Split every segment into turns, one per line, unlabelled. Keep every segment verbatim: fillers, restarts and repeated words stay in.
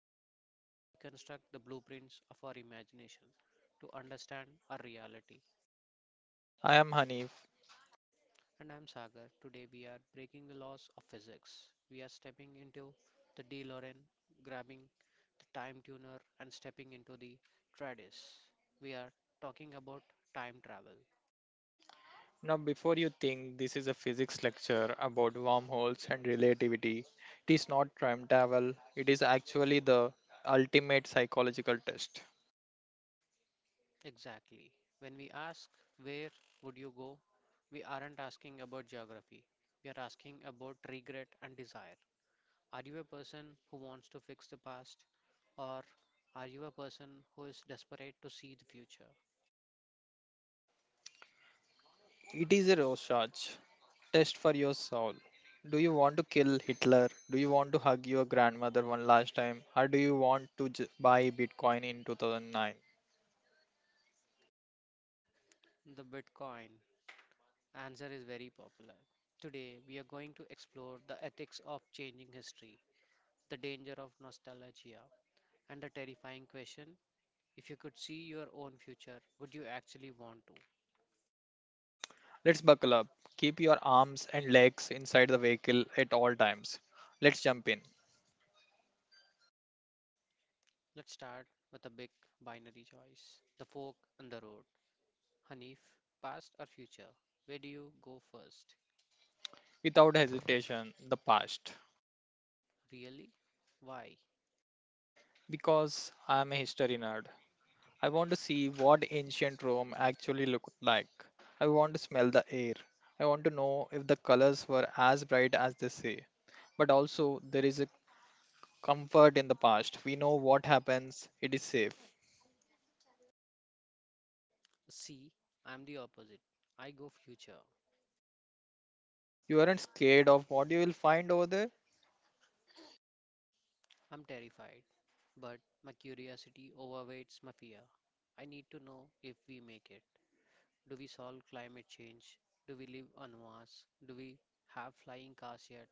show where we deconstruct the blueprints of our imagination to understand our reality.
I am Hanif.
And I'm Sagar. Today, we are breaking the laws of physics. We are stepping into the DeLorean, grabbing the time tuner, and stepping into the TRADIS. We are talking about time travel.
Now, before you think this is a physics lecture about wormholes and relativity, it is not time travel, it is actually the ultimate psychological test.
Exactly. When we ask, where would you go? We aren't asking about geography. We are asking about regret and desire. Are you a person who wants to fix the past, or are you a person who is desperate to see the future?
It is a Rorschach test for your soul. Do you want to kill Hitler? Do you want to hug your grandmother one last time? Or do you want to j- buy Bitcoin in two thousand nine?
The Bitcoin answer is very popular. Today, we are going to explore the ethics of changing history, the danger of nostalgia, and the terrifying question, if you could see your own future, would you actually want to?
Let's buckle up. Keep your arms and legs inside the vehicle at all times. Let's jump in.
Let's start with a big binary choice, the fork and the road. Hanif, past or future? Where do you go first?
Without hesitation, the past.
Really? Why?
Because I'm a history nerd. I want to see what ancient Rome actually looked like. I want to smell the air. I want to know if the colors were as bright as they say. But also, there is a comfort in the past. We know what happens, it is safe.
See, I'm the opposite. I go future.
You aren't scared of what you will find over there?
I'm terrified, but my curiosity overweights my fear. I need to know if we make it. Do we solve climate change? Do we live on Mars? Do we have flying cars yet?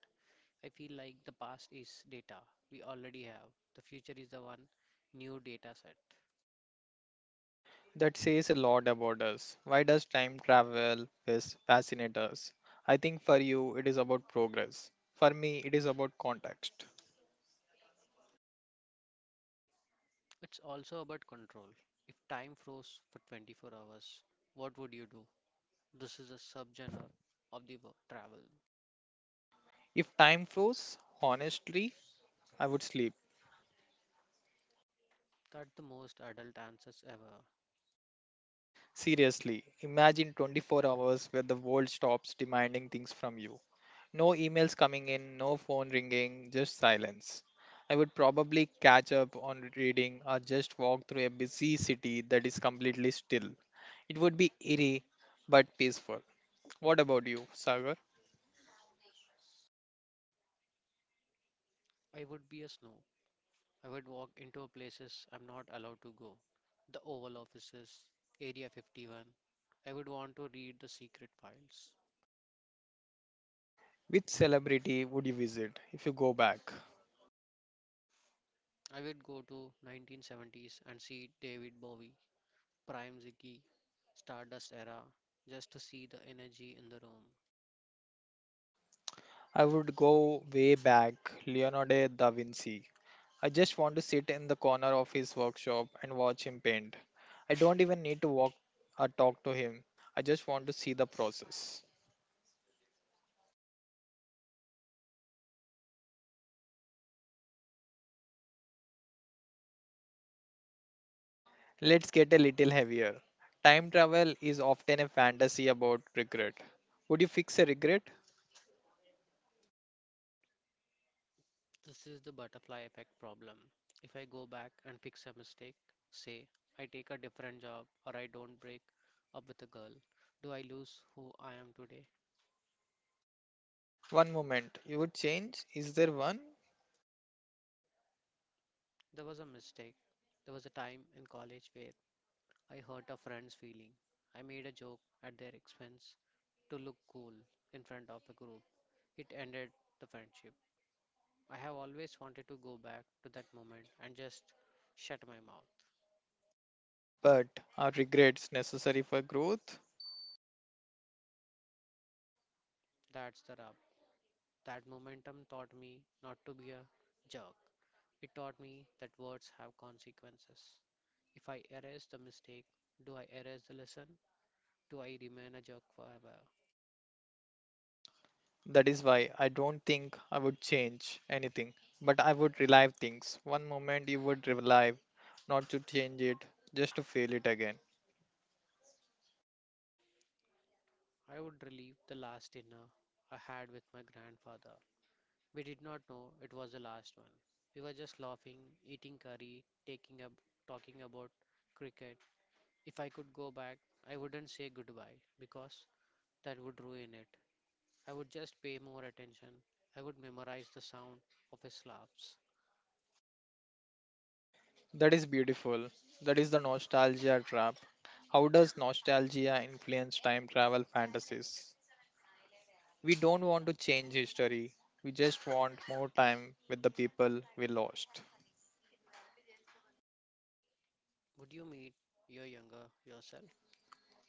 I feel like the past is data we already have. The future is the one new data set.
That says a lot about us. Why does time travel fas- fascinate us? I think for you, it is about progress. For me, it is about context.
It's also about control. If time froze for twenty-four hours, what would you do? This is a subgenre of the wo- travel.
If time froze, honestly, I would sleep.
That's the most adult answers ever.
Seriously, imagine twenty-four hours where the world stops demanding things from you. No emails coming in, no phone ringing, just silence. I would probably catch up on reading or just walk through a busy city that is completely still. It would be eerie but peaceful. What about you, Sagar?
I would be a snow. I would walk into places I'm not allowed to go. The Oval Offices, Area fifty-one. I would want to read the secret files.
Which celebrity would you visit if you go back?
I would go to nineteen seventies and see David Bowie, Prime Ziggy, Stardust era, just to see the energy in the room.
I would go way back, Leonardo da Vinci. I just want to sit in the corner of his workshop and watch him paint. I don't even need to walk or talk to him. I just want to see the process. Let's get a little heavier. Time travel is often a fantasy about regret. Would you fix a regret?
This is the butterfly effect problem. If I go back and fix a mistake, say I take a different job or I don't break up with a girl, do I lose who I am today?
One moment. You would change? Is there one?
There was a mistake. There was a time in college where I hurt a friend's feeling. I made a joke at their expense to look cool in front of the group. It ended the friendship. I have always wanted to go back to that moment and just shut my mouth.
But are regrets necessary for growth?
That's the rub. That momentum taught me not to be a jerk. It taught me that words have consequences. If I erase the mistake, do I erase the lesson? Do I remain a jerk forever?
That is why I don't think I would change anything, but I would relive things. One moment you would relive, not to change it, just to feel it again.
I would relive the last dinner I had with my grandfather. We did not know it was the last one. We were just laughing, eating curry, taking up, talking about cricket. If I could go back, I wouldn't say goodbye because that would ruin it. I would just pay more attention. I would memorize the sound of his laughs.
That is beautiful. That is the nostalgia trap. How does nostalgia influence time travel fantasies? We don't want to change history, we just want more time with the people we lost.
Would you meet your younger yourself?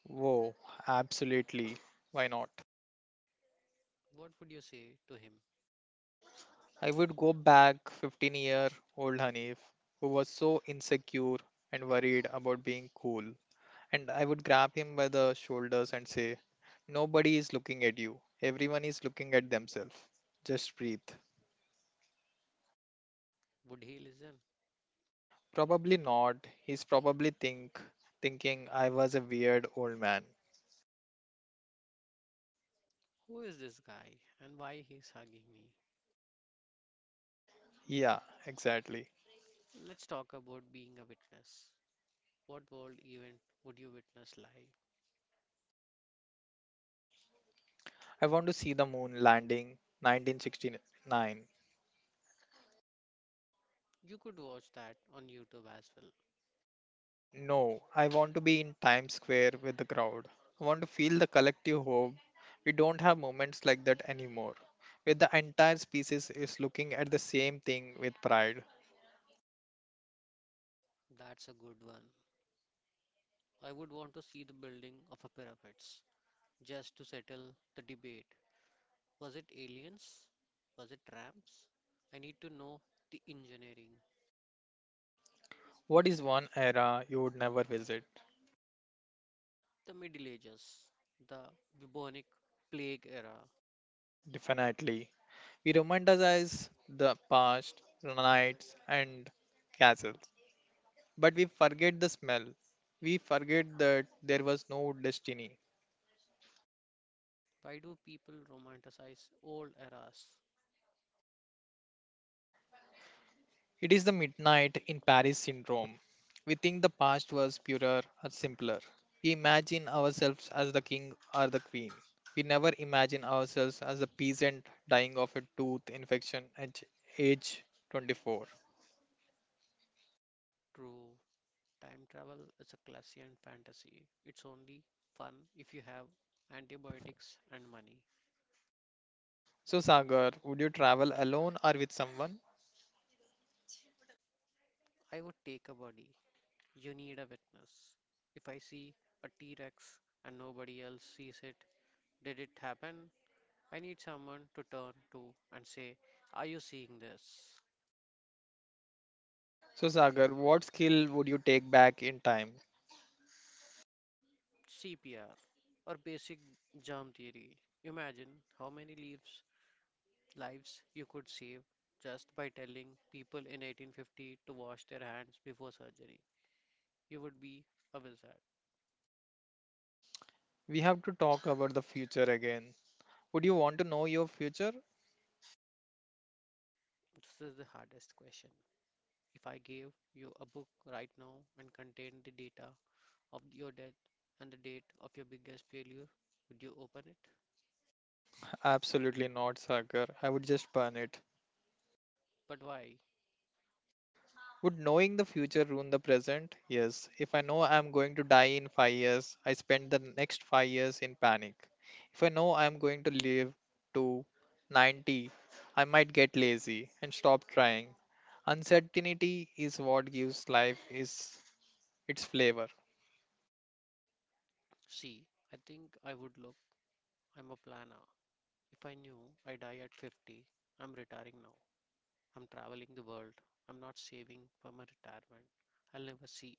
Whoa, absolutely. Why not?
What would you say to him?
I would go back fifteen year old Hanif, who was so insecure and worried about being cool. And I would grab him by the shoulders and say, nobody is looking at you. Everyone is looking at themselves. Just breathe.
Would he listen?
Probably not. He's probably think thinking I was a weird old man.
Who is this guy, and why he's hugging me?
Yeah, exactly.
Let's talk about being a witness. What world event would you witness live?
I want to see the moon landing nineteen sixty-nine.
You could watch that on YouTube as well.
No, I want to be in Times Square with the crowd. I want to feel the collective hope. We don't have moments like that anymore, where the entire species is looking at the same thing with pride.
That's a good one. I would want to see the building of a pyramids just to settle the debate. Was it aliens? Was it tramps? I need to know the engineering,
What is one era you would never visit?
the Middle Ages, the bubonic plague era.
Definitely. We romanticize the past, knights and castles, but we forget the smell. We forget that there was no destiny.
Why do people romanticize old eras?
It is the midnight in Paris syndrome. We think the past was purer or simpler. We imagine ourselves as the king or the queen. We never imagine ourselves as a peasant dying of a tooth infection at age twenty-four.
True, time travel is a classic fantasy. It's only fun if you have antibiotics and money.
So, Sagar, would you travel alone or with someone?
I would take a body. You need a witness. If I see a T Rex and nobody else sees it, did it happen? I need someone to turn to and say, are you seeing this?
So, Sagar, what skill would you take back in time?
C P R or basic germ theory. Imagine how many leaves Lives you could save just by telling people in eighteen fifty to wash their hands before surgery. You would be a wizard.
We have to talk about the future again. Would you want to know your future?
This is the hardest question. If I gave you a book right now and contained the data of your death and the date of your biggest failure, would you open it?
Absolutely not, Sagar. I would just burn it.
But why?
Would knowing the future ruin the present? Yes. If I know I'm going to die in five years, I spend the next five years in panic. If I know I'm going to live to ninety, I might get lazy and stop trying. Uncertainty is what gives life is its flavor.
See, I think I would look. I'm a planner. If I knew I die at fifty, I'm retiring now. I'm traveling the world. I'm not saving for my retirement. I'll never see.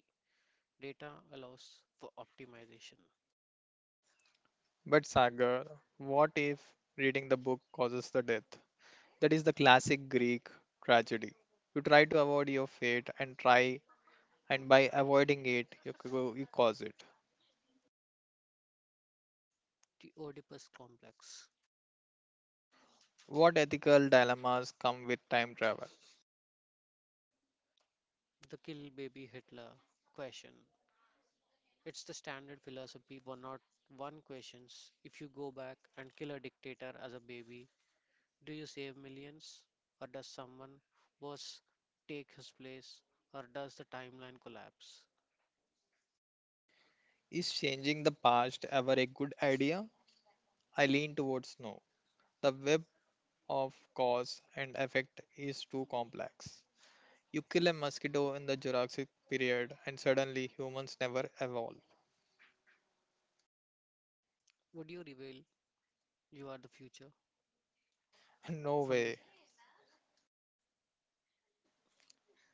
Data allows for optimization.
But Sagar, what if reading the book causes the death? That is the classic Greek tragedy. You try to avoid your fate and try, and by avoiding it, you, c- you cause it.
The Oedipus complex,
What ethical dilemmas come with time travel?
the kill baby Hitler question. It's the standard philosophy one hundred one questions. If you go back and kill a dictator as a baby, do you save millions? Or does someone worse take his place? Or does the timeline collapse?
Is changing the past ever a good idea? I lean towards no. The web of cause and effect is too complex. You kill a mosquito in the Jurassic period and suddenly humans never evolve.
Would you reveal you are the future?
No
From the
way.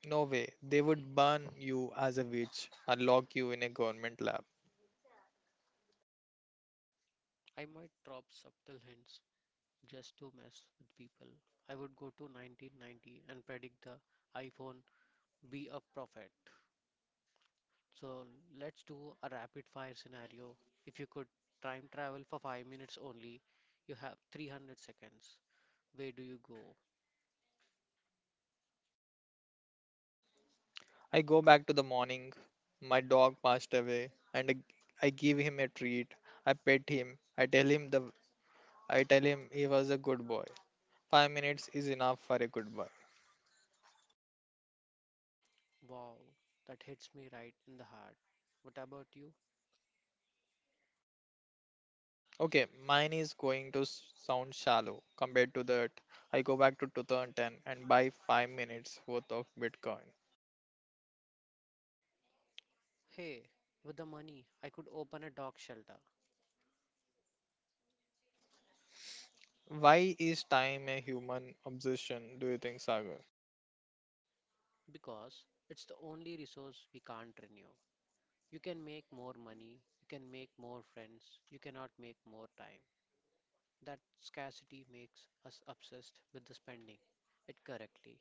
No way. They would burn you as a witch or lock you in a government lab.
I might drop subtle hints just to mess with people. I would go to nineteen ninety and predict the iPhone, be a prophet. So let's do a rapid fire scenario. If you could time travel for five minutes only, you have three hundred seconds. Where do you go?
I go back to the morning. My dog passed away and I I give him a treat. I pet him. I tell him the I tell him he was a good boy. Five minutes is enough for a good boy.
Wow, that hits me right in the heart. What about you?
Okay, mine is going to s- sound shallow compared to that. I go back to two thousand ten and buy five minutes worth of Bitcoin.
Hey, with the money, I could open a dog shelter.
Why is time a human obsession, do you think, Sagar?
Because it's the only resource we can't renew. You can make more money, you can make more friends, you cannot make more time. That scarcity makes us obsessed with the spending it correctly.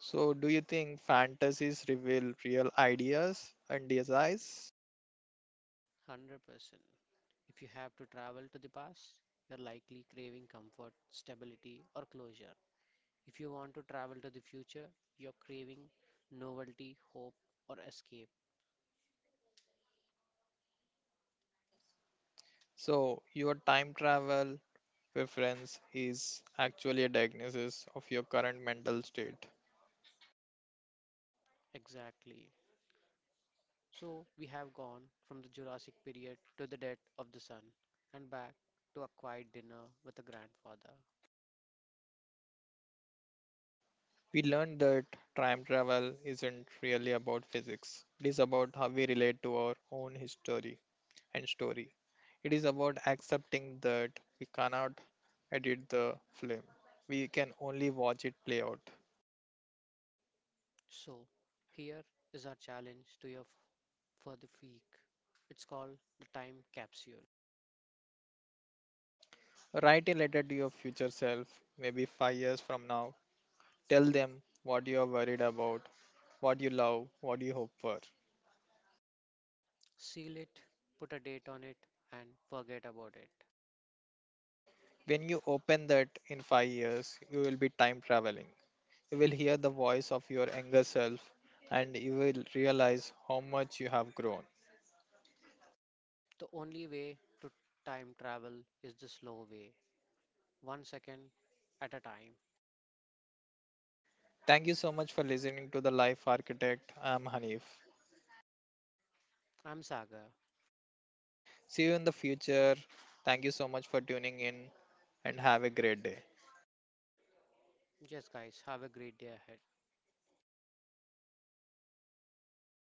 So, do you think fantasies reveal real ideas and desires?
one hundred percent. If you have to travel to the past, you're likely craving comfort, stability, or closure. If you want to travel to the future, you're craving novelty, hope, or escape.
So, your time travel preference is actually a diagnosis of your current mental state.
Exactly. So, we have gone from the Jurassic period to the death of the sun and back to a quiet dinner with a grandfather.
We learned that time travel isn't really about physics. It is about how we relate to our own history and story. It is about accepting that we cannot edit the film. We can only watch it play out.
So, here is our challenge to you f- for the week. It's called the time capsule.
Write a letter to your future self, maybe five years from now. Tell them what you are worried about, what you love, what you hope for.
Seal it, put a date on it, and forget about it.
When you open that in five years, you will be time traveling. You will hear the voice of your younger self and you will realize how much you have grown.
The only way to time travel is the slow way, one second at a time.
Thank you so much for listening to The Life Architect. I'm Hanif.
I'm Saga.
See you in the future. Thank you so much for tuning in and have a great day.
Yes, guys, have a great day ahead.